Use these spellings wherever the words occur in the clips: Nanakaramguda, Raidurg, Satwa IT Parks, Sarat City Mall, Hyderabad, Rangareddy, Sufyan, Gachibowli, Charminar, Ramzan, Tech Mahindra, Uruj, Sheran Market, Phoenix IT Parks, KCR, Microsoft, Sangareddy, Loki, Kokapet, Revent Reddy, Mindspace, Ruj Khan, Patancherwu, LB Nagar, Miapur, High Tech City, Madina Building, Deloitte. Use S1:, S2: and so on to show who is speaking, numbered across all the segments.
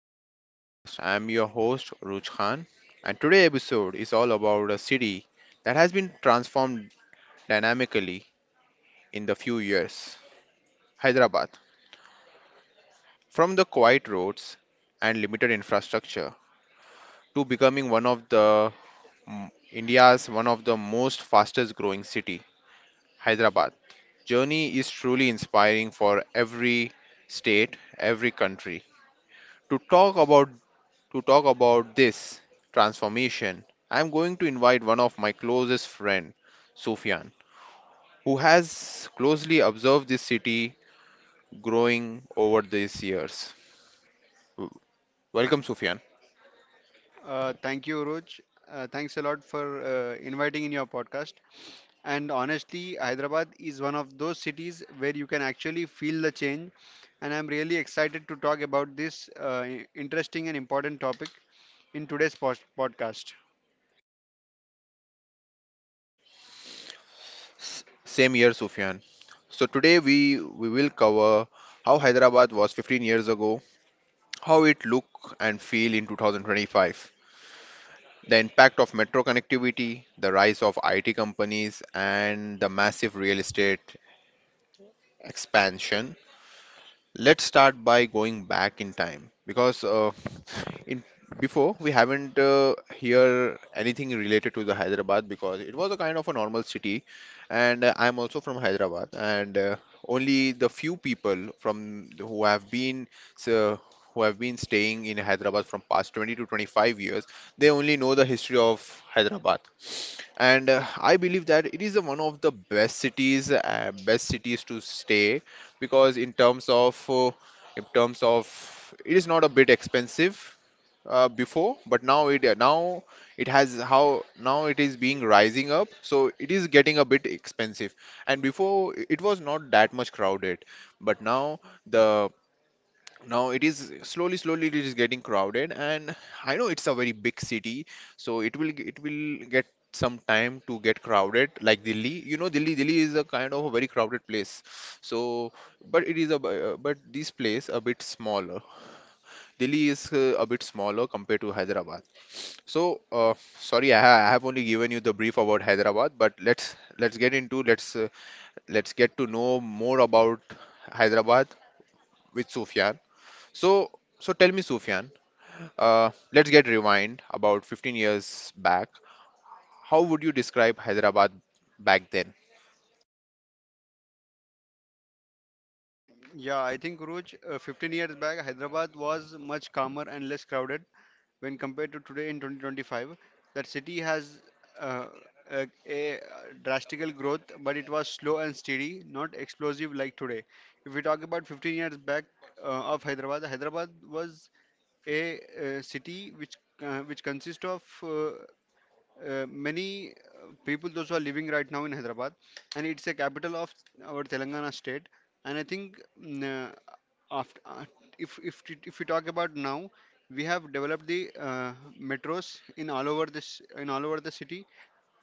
S1: back to the podcast. I'm your host Ruj Khan, and today's episode is all about a city that has been transformed dynamically in the few years. Hyderabad. From the quiet roads and limited infrastructure to becoming one of the India's one of the most fastest growing city, Hyderabad. Journey is truly inspiring for every state, every country. To talk about to talk about this transformation, I'm going to invite one of my closest friend, Sufyan, who has closely observed this city growing over these years. W- Welcome, Sufyan.
S2: Thank you, Uruj. Thanks a lot for inviting in your podcast. And honestly, Hyderabad is one of those cities where you can actually feel the change. And I'm really excited to talk about this interesting and important topic in today's podcast.
S1: Same here, Sufyan. So today we will cover how Hyderabad was 15 years ago, how it look and feel in 2025, the impact of metro connectivity, the rise of IT companies, and the massive real estate expansion. Let's start by going back in time because in before we haven't hear anything related to the Hyderabad because it was a kind of a normal city, and I'm also from Hyderabad. And only the few people who have been so, who have been staying in Hyderabad from past 20 to 25 years, they only know the history of Hyderabad. And I believe that it is the one of the best cities to stay because in terms of it is not a bit expensive before, but now it has how now it is being rising up, so it is getting a bit expensive. And before it was not that much crowded, but the now it is slowly slowly it is getting crowded. And I know it's a very big city, so it will get some time to get crowded like delhi, you know. Delhi is a kind of a very crowded place. So but it is a but this place a bit smaller. Delhi is a bit smaller compared to hyderabad. so uh, Sorry, I have only given you the brief about hyderabad. But let's get to know more about hyderabad with sufyan. so so tell me sufyan, let's get rewind about 15 years back. How would you describe Hyderabad back then?
S2: Yeah, I think Guruj, 15 years back, Hyderabad was much calmer and less crowded when compared to today in 2025. That city has uh, a drastical growth, but it was slow and steady, not explosive like today. If we talk about 15 years back uh, of Hyderabad, Hyderabad was city which consists of many people those who are living right now in Hyderabad, and it's a capital of our Telangana state. And I think uh, after, uh, if we talk about now, we have developed the metros in all over this in all over the city.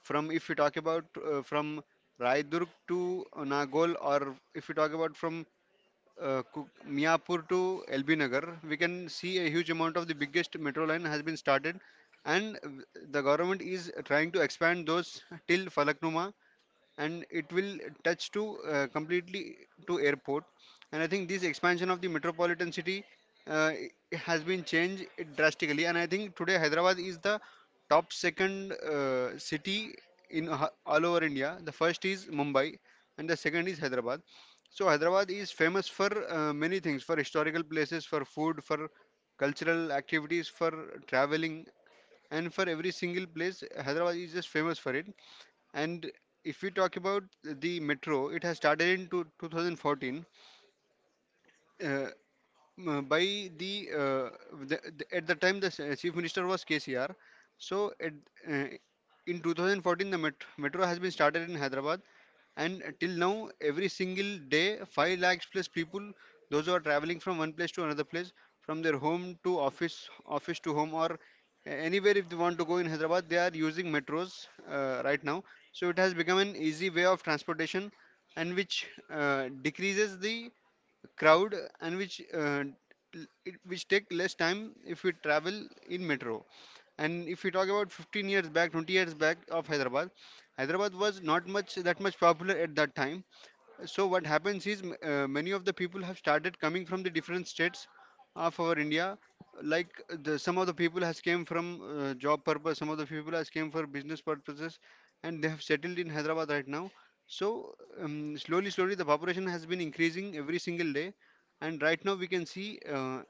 S2: From if we talk about from Raidurg to Nagol, or if we talk about from Miapur to LB Nagar, we can see a huge amount of the biggest metro line has been started, and the government is trying to expand those till Falaknuma, and it will touch to completely to airport. And I think this expansion of the metropolitan city, uh, it has been changed drastically, and I think today Hyderabad is the top second city in, all over India. The first is Mumbai and the second is Hyderabad. So Hyderabad is famous for many things, for historical places, for food, for cultural activities, for traveling, and for every single place Hyderabad is just famous for it. And if we talk about the metro, it has started in 2014. Uh, by the at the time the chief minister was KCR. So uh, in 2014 the metro has been started in Hyderabad, and till now every single day 5 lakhs plus people those who are traveling from one place to another place, from their home to office, office to home, or anywhere if they want to go in Hyderabad, they are using metros right now. So it has become an easy way of transportation, and which decreases the crowd, and which which take less time if we travel in metro. And if we talk about 15 years back, 20 years back of Hyderabad, Hyderabad was not much that much popular at that time. So what happens is many of the people have started coming from the different states of our India. Like some of the people has came from job purpose, some of the people has came for business purposes, and they have settled in Hyderabad right now. So slowly, slowly the population has been increasing every single day, and right now we can see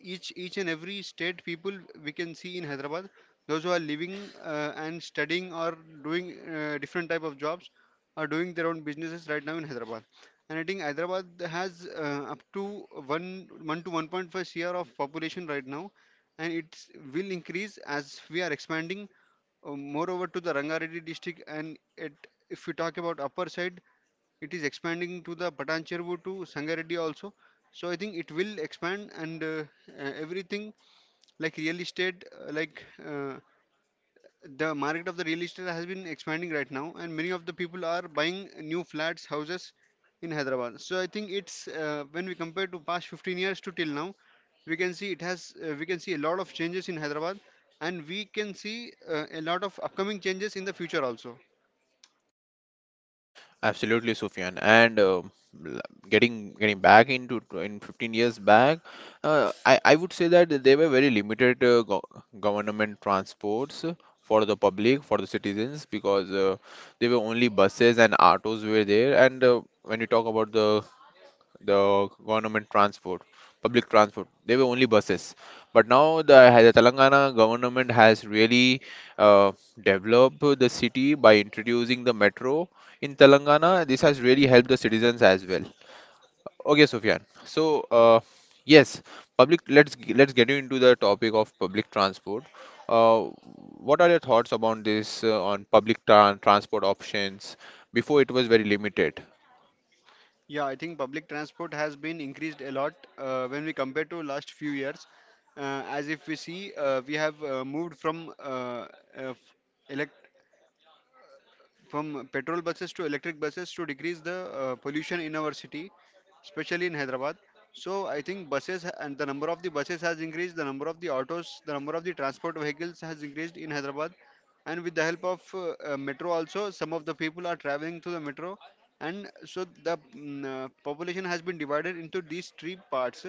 S2: each and every state people we can see in Hyderabad. Those who are living and studying, or doing different type of jobs, are doing their own businesses right now in Hyderabad. And I think Hyderabad has up to one to 1.5 share of population right now, and it will increase as we are expanding. Moreover, to the Rangareddy district, and it, if we talk about upper side, it is expanding to the Patancherwu to Sangareddy also. So I think it will expand and everything like real estate, the market of the real estate has been expanding right now, and many of the people are buying new flats, houses in Hyderabad. So I think it's when we compare to past 15 years to till now, we can see it has we can see a lot of changes in Hyderabad, and we can see a lot of upcoming changes in the future also.
S1: Absolutely, Sufyan. And l- getting back in 15 years back. I would say that there were very limited go government transports for the public, for the citizens, because there were only buses and autos were there. And when you talk about the government transport, public transport, they were only buses. But now the Telangana government has really uh, developed the city by introducing the metro in Telangana. This has really helped the citizens as well. Okay, Sufyan. So, yes, public. Let's get into the topic of public transport. Uh, what are your thoughts about this on public transport options? Before it was very limited.
S2: Yeah, I think public transport has been increased a lot when we compare to last few years. As if we see, we have moved uh, uh, from petrol buses to electric buses to decrease the pollution in our city, especially in Hyderabad. So I think buses ha- and the number of the buses has increased, the number of the autos, the number of the transport vehicles has increased in Hyderabad. And with the help of metro also, some of the people are traveling to the metro. And so the population has been divided into these three parts.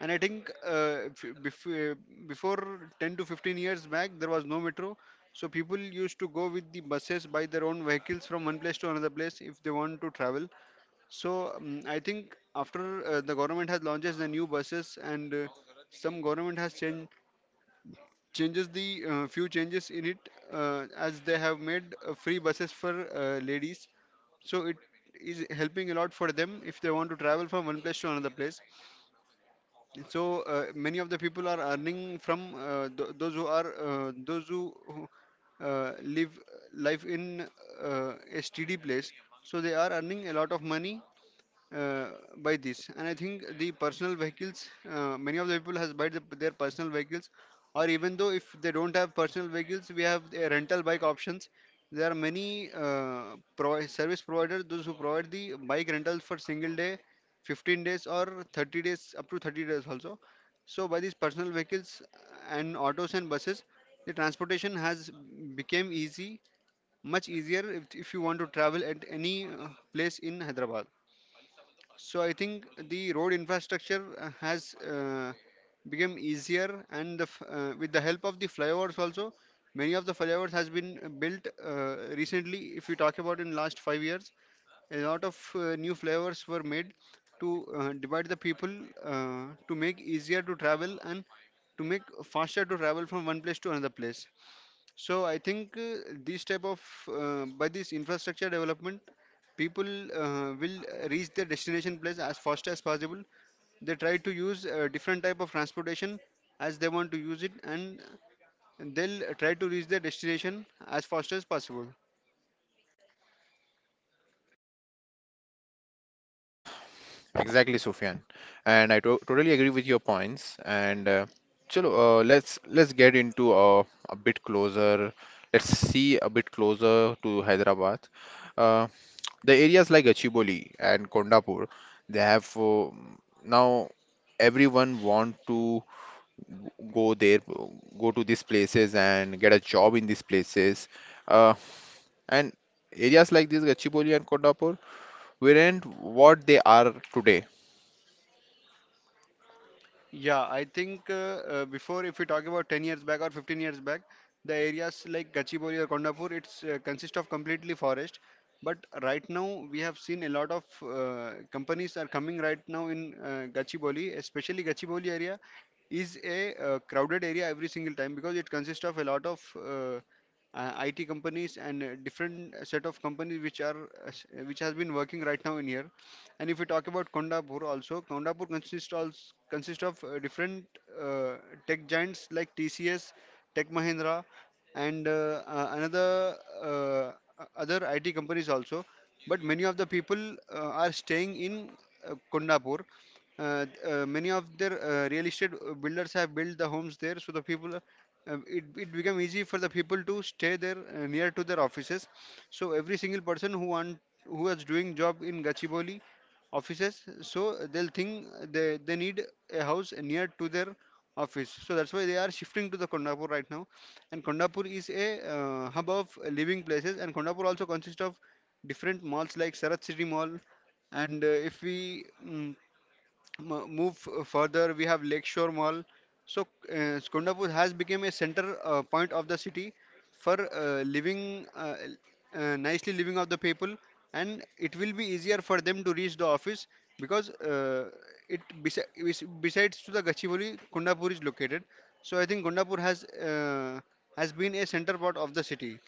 S2: And I think if you- bef- before 10 to 15 years back, there was no metro. So people used to go with the buses, by their own vehicles from one place to another place if they want to travel. So I think after the government has launches the new buses, and some government has changed changes the few changes in it, as they have made free buses for ladies. So it is helping a lot for them if they want to travel from one place to another place. So many of the people are earning from th those who are uh, live life in a steady place. So they are earning a lot of money uh, by this. And I think the personal vehicles, many of the people has buy their personal vehicles, or even though if they don't have personal vehicles, we have a rental bike options. There are many service providers those who provide the bike rentals for single day, 15 days, or 30 days, up to 30 days also. So by these personal vehicles and autos and buses, the transportation has become easy, much easier, if you want to travel at any place in Hyderabad. So I think the road infrastructure has become easier, and with the help of the flyovers also, many of the flyovers has been built recently. If we talk about in last 5 years, a lot of new flyovers were made to divide the people, to make easier to travel and to make faster to travel from one place to another place. So I think these type of by this infrastructure development, people will reach their destination place as fast as possible. They try to use different type of transportation as they want to use it, and they'll try to reach their destination as fast as possible.
S1: Exactly, Sufyan. And I to totally agree with your points. And chalo, let's get into a bit closer. Let's see a bit closer to Hyderabad. Uh, the areas like Gachibowli and Kondapur, they have now everyone want to go there, go to these places and get a job in these places. Uh, and areas like this, Gachibowli and Kondapur, weren't what they are today.
S2: Yeah, I think before, if we talk about 10 years back or 15 years back, the areas like Gachibowli or Kondapur, it's consist of completely forest. But right now, we have seen a lot of companies are coming right now in Gachibowli, especially Gachibowli area is a crowded area every single time, because it consists of a lot of IT companies and different set of companies which are which has been working right now in here. And if we talk about Kondapur also, Kondapur consists also consists of different uh, tech giants like TCS, Tech Mahindra, and another uh, uh, other IT companies also. But many of the people are staying in Kondapur. Many of their real estate builders have built the homes there, so the people it become easy for the people to stay there near to their offices. So every single person who want, who is doing job in Gachibowli offices, so they'll think they need a house near to their office. So that's why they are shifting to the Kondapur right now. And Kondapur is a hub of living places, and Kondapur also consists of different malls like Sarat City Mall, and if we move further, we have Lakeshore Mall. So, Skondapur has become a center point of the city for nicely living of the people, and it will be easier for them to reach the office, because besides to the Gachibowli, Kondapur is located. So, I think Kondapur has been a center part of the city,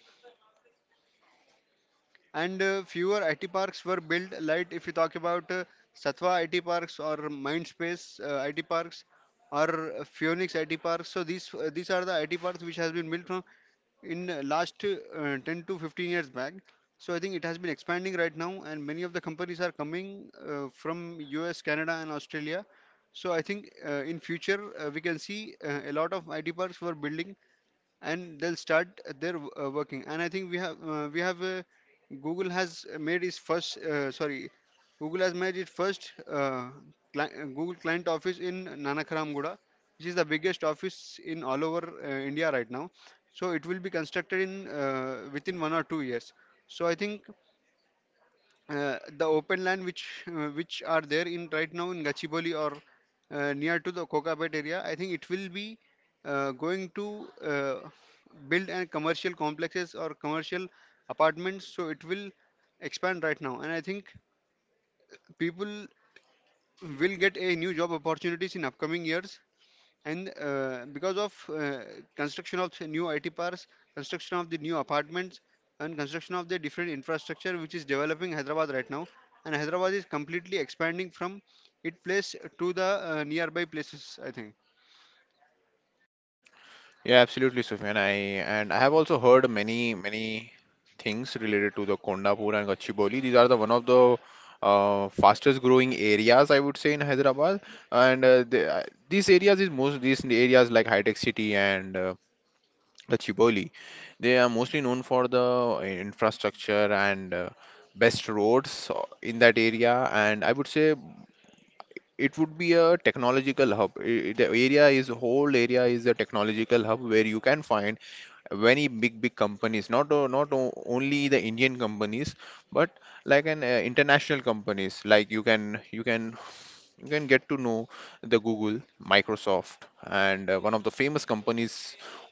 S2: and fewer IT parks were built. Like if you talk about Satwa IT parks, or Mindspace IT parks, or Phoenix IT parks. So these are the IT parks which has been built from in last 10 to 15 years back. So I think it has been expanding right now, and many of the companies are coming from US, Canada, and Australia. So I think in future we can see a lot of IT parks were building and they'll start their working. And I think we have google has made its first sorry Google has made its first Google client office in Nanakaramguda, which is the biggest office in all over India right now. So it will be constructed in within 1 or 2 years. So I think the open land which are there in right now in Gachibowli or near to the Kokapet area, I think it will be going to build and commercial complexes or commercial apartments. So it will expand right now, and I think people will get a new job opportunities in upcoming years, and because of construction of the new IT parks, construction of the new apartments, and construction of the different infrastructure which is developing Hyderabad right now, and Hyderabad is completely expanding from its place to the nearby places, I think.
S1: Yeah, absolutely, Sufyan. I have also heard many many things related to the Kondapur and Gachibowli. These are the one of the fastest growing areas, I would say, in Hyderabad. And these areas is most these areas like High Tech City and Gachibowli, they are mostly known for the infrastructure and best roads in that area. And I would say it would be a technological hub. The area is whole area is a technological hub where you can find many big big companies, not o- not o- only the Indian companies, but like an international companies. Like you can you can get to know the Google, Microsoft, and one of the famous companies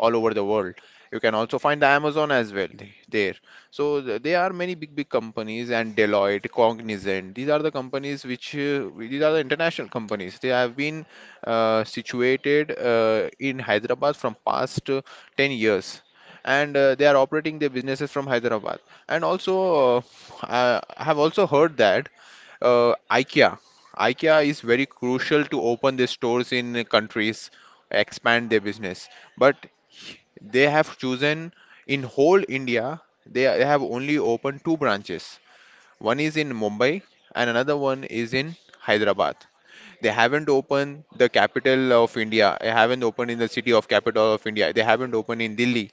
S1: all over the world. You can also find the Amazon as well there. So there are many big big companies, and Deloitte, Cognizant. These are the companies which these are the international companies. They have been situated in Hyderabad from past 10 years, and they are operating their businesses from Hyderabad. And also, I have also heard that IKEA. IKEA is very crucial to open their stores in countries, expand their business. But they have chosen, in whole India, they have only opened two branches. One is in Mumbai and another one is in Hyderabad. They haven't opened the capital of India. They haven't opened in the city of capital of India. They haven't opened in Delhi.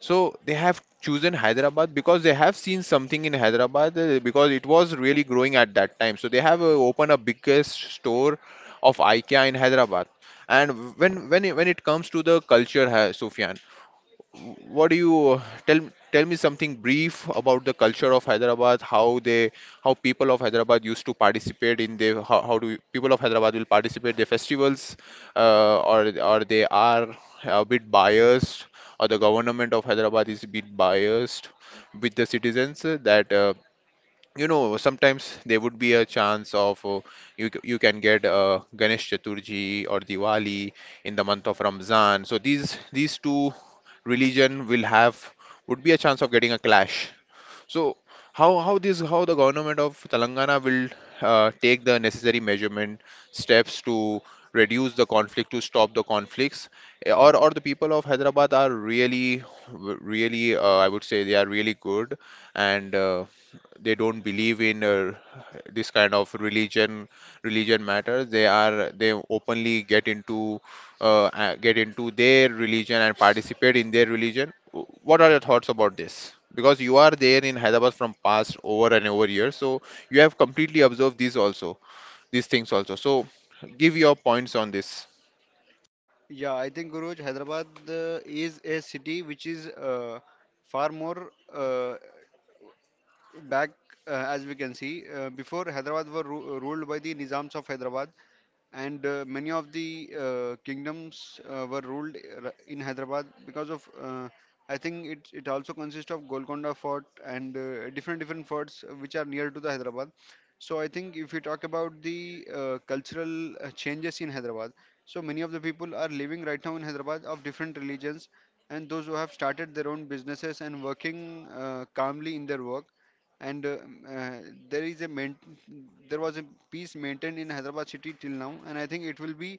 S1: So they have chosen Hyderabad because they have seen something in Hyderabad because it was really growing at that time. So they have opened a biggest store of IKEA in Hyderabad. And when it comes to the culture, Sufyan, what do you tell tell me something brief about the culture of Hyderabad, how they how people of Hyderabad used to participate in their how do people of Hyderabad will participate their festivals, or they are a bit biased, or the government of Hyderabad is a bit biased with the citizens that you know, sometimes there would be a chance of you can get Ganesh Chaturthi or Diwali in the month of Ramzan. So these two religion will have would be a chance of getting a clash. So how this how the government of Telangana will take the necessary measurement steps to reduce the conflict, to stop the conflicts. Eh, or the people of Hyderabad are really really I would say they are really good, and they don't believe in this kind of religion religion matters. They are they openly get into their religion and participate in their religion. What are your thoughts about this, because you are there in hyderabad from past over and over years, so you have completely observed these also, these things also, so give your points on this.
S2: Yeah, I think Guruj, Hyderabad is a city which is far more back, as we can see. Before, Hyderabad were ruled by the Nizams of Hyderabad, and many of the kingdoms were ruled in Hyderabad because of I think it also consists of Golconda Fort and different different forts which are near to the Hyderabad. So I think if we talk about the cultural changes in Hyderabad, so many of the people are living right now in Hyderabad of different religions, and those who have started their own businesses and working calmly in their work. And uh, there is a main, there was a peace maintained in Hyderabad city till now, and I think it will be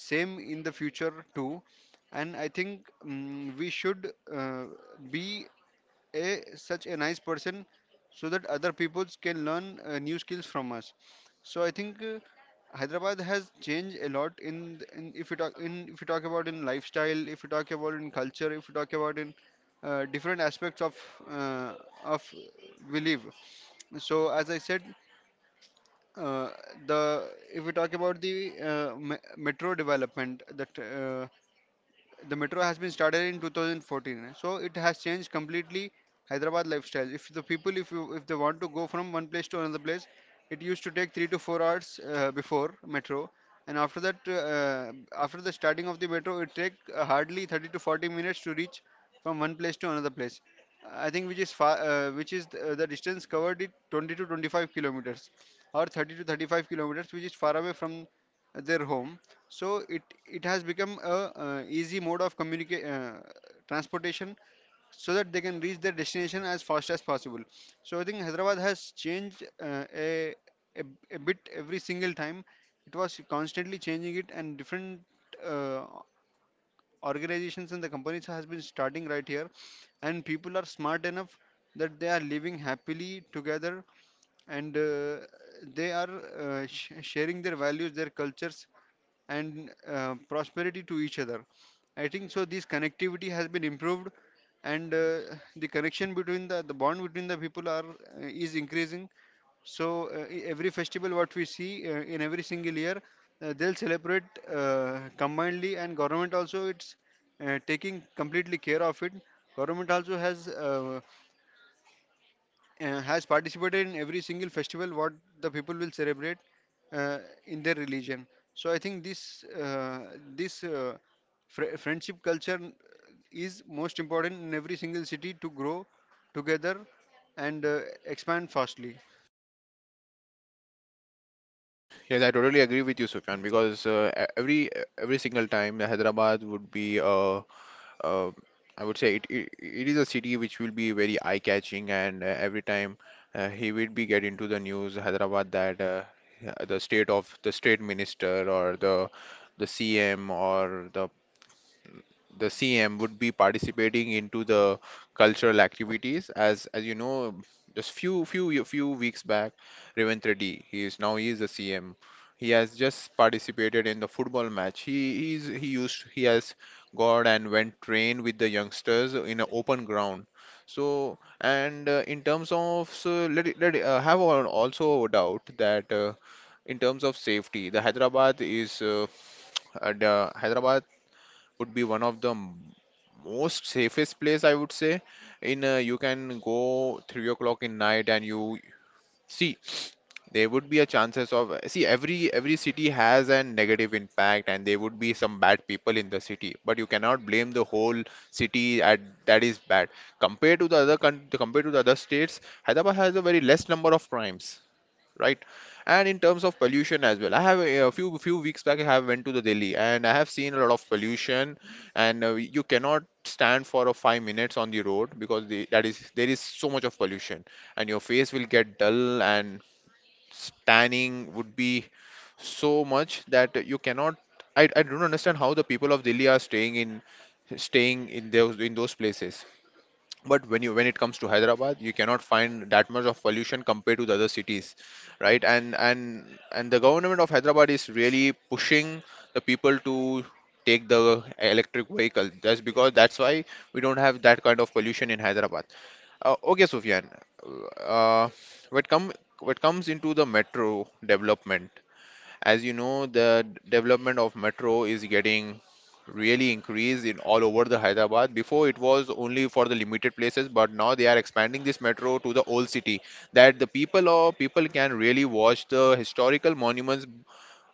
S2: same in the future too. And I think we should be a such a nice person so that other people can learn new skills from us. So I think Hyderabad has changed a lot in, th- in if you talk in if you talk about in lifestyle, if you talk about in culture, if you talk about in different aspects of uh, of we live. So as I said, uh, the if we talk about the metro development, that the metro has been started in 2014, so it has changed completely Hyderabad lifestyle. If the people, if you if they want to go from one place to another place, it used to take 3 to 4 hours before metro, and after that after the starting of the metro it take hardly 30 to 40 minutes to reach from one place to another place, I think, which is far, the distance covered it 20 to 25 kilometers or 30 to 35 kilometers which is far away from their home. So it has become a easy mode of transportation, so that they can reach their destination as fast as possible. So I think Hyderabad has changed a a bit every single time. It was constantly changing it and different. Uh, Organizations and the companies has been starting right here, and people are smart enough that they are living happily together, and they are sharing their values, their cultures, and prosperity to each other. I think so this connectivity has been improved, and the connection between the bond between the people are is increasing. So every festival, what we see in every single year, they'll celebrate combinedly, and government also it's taking completely care of it. Government also has participated in every single festival what the people will celebrate uh, in their religion. So I think this uh, friendship culture is most important in every single city to grow together and expand fastly.
S1: Yes, I totally agree with you, Sufyan, because every single time Hyderabad would be a uh, I would say it is a city which will be very eye-catching. And every time he will be get into the news, Hyderabad, that the state of the state minister or the CM or the CM would be participating into the cultural activities. As you know, just few weeks back, Revent Reddy, he is the CM. He has just participated in the football match. He he's, he used he has gone and went train with the youngsters in an open ground. So and in terms of have also a doubt that in terms of safety, the Hyderabad is the Hyderabad would be one of the most safest place, I would say. In you can go 3 o'clock in night and you see there would be a chances of see. Every city has a negative impact, and there would be some bad people in the city, but you cannot blame the whole city at that is bad. Compared to the other country, compared to the other states, hyderabad has a very less number of crimes, right? And in terms of pollution as well, I have a, few few weeks back I have went to the Delhi and I have seen a lot of pollution, and you cannot stand for a 5 minutes on the road because there is so much of pollution, and your face will get dull and tanning would be so much that you cannot. I don't understand how the people of Delhi are staying in staying in those places. But when you when it comes to hyderabad, you cannot find that much of pollution compared to the other cities, right? And and the government of hyderabad is really pushing the people to take the electric vehicle. That's because that's why we don't have that kind of pollution in hyderabad. Okay, sufyan. uh, what come what comes into the metro development? As you know, the development of metro is getting really increased in all over the Hyderabad. Before it was only for the limited places, but now they are expanding this metro to the old city, that the people or people can really watch the historical monuments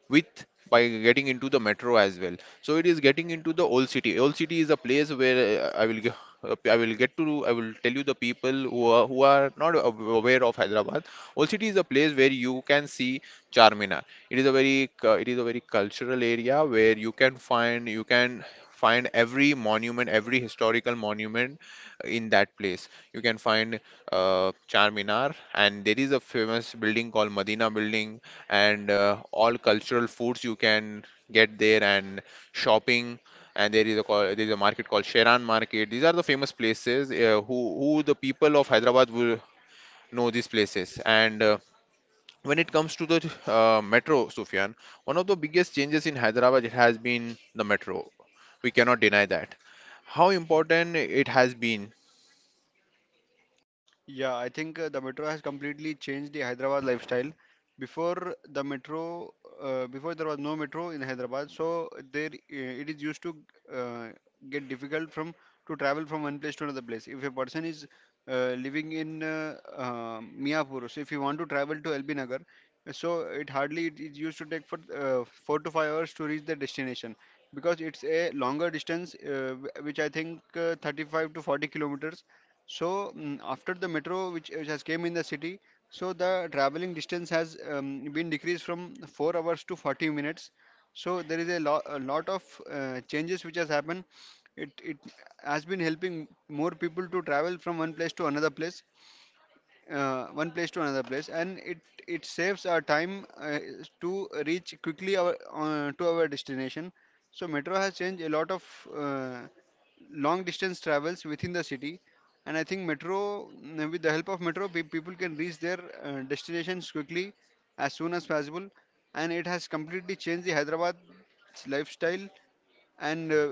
S1: with by getting into the metro as well. So it is getting into the old city. Old city is a place where uh, i will ge- I will get to I will tell you, the people who are not aware of hyderabad, old city is a place where you can see charminar. It is a it is a very cultural area where you can find every monument, every historical monument in that place. You can find uh, charminar, and there is a famous building called madina building. And all cultural foods you can get there, and shopping. And there is a market called Sheran Market. These are the famous places who the people of Hyderabad will know these places. And when it comes to the metro, Sufyan, one of the biggest changes in Hyderabad it has been the metro. We cannot deny that. How important it has been?
S2: Yeah, I think the metro has completely changed the Hyderabad lifestyle. Before the metro, before there was no metro in Hyderabad, so there it is used to uh, get difficult from to travel from one place to another place. If a person is living in Miapur, so if you want to travel to LB Nagar, so it hardly it, it used to take for 4 to 5 hours to reach the destination because it's a longer distance, which I think 35 to 40 kilometers. So after the metro, which has came in the city, so the traveling distance has been decreased from 4 hours to 40 minutes. So there is a, lo a lot of changes which has happened. It has been helping more people to travel from one place to another place and it saves our time to reach quickly our to our destination. So metro has changed a lot of uh, long distance travels within the city. And I think metro, with the help of metro, pe- people can reach their destinations quickly as soon as possible, and it has completely changed the Hyderabad's lifestyle. And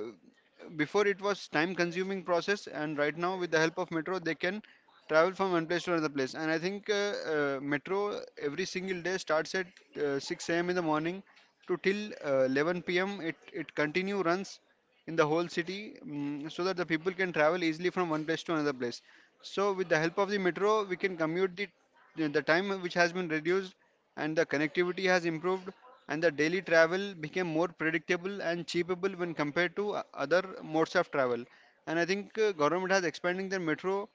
S2: before it was time consuming process, and right now with the help of metro they can travel from one place to another place. And I think metro every single day starts at 6 a.m. in the morning to till 11 p.m. It continue runs in the whole city, so that the people can travel easily from one place to another place. So with the help of the metro we can commute, the time which has been reduced and the connectivity has improved, and the daily travel became more predictable and cheapable when compared to other modes of travel. And I think government has expanding the metro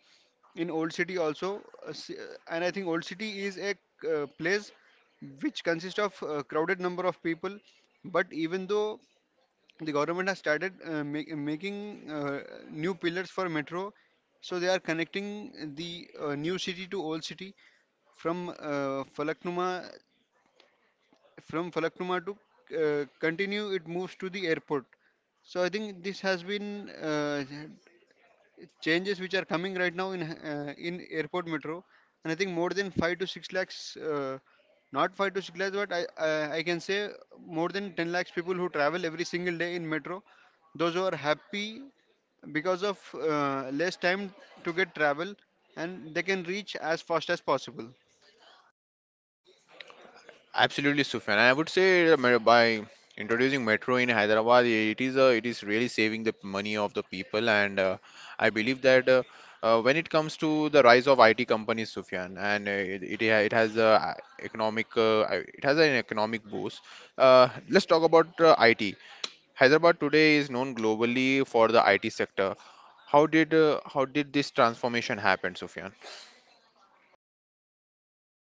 S2: in old city also. And I think old city is a place which consists of a crowded number of people, but even though the government has started making new pillars for metro, so they are connecting the new city to old city from Falaknuma to continue it moves to the airport. So I think this has been changes which are coming right now in airport metro. And I think more than 5 to 6 lakhs uh, not 5 to 6 lakhs, but I can say more than 10 lakhs people who travel every single day in metro, those who are happy because of less time to get travel, and they can reach as fast as possible.
S1: Absolutely, Sufyan. I would say by introducing metro in Hyderabad, it is really saving the money of the people. And I believe that when it comes to the rise of IT companies, Sufyan, and it has a economic it has an economic boost. Let's talk about IT. Hyderabad today is known globally for the IT sector. How did this transformation happen, Sufyan?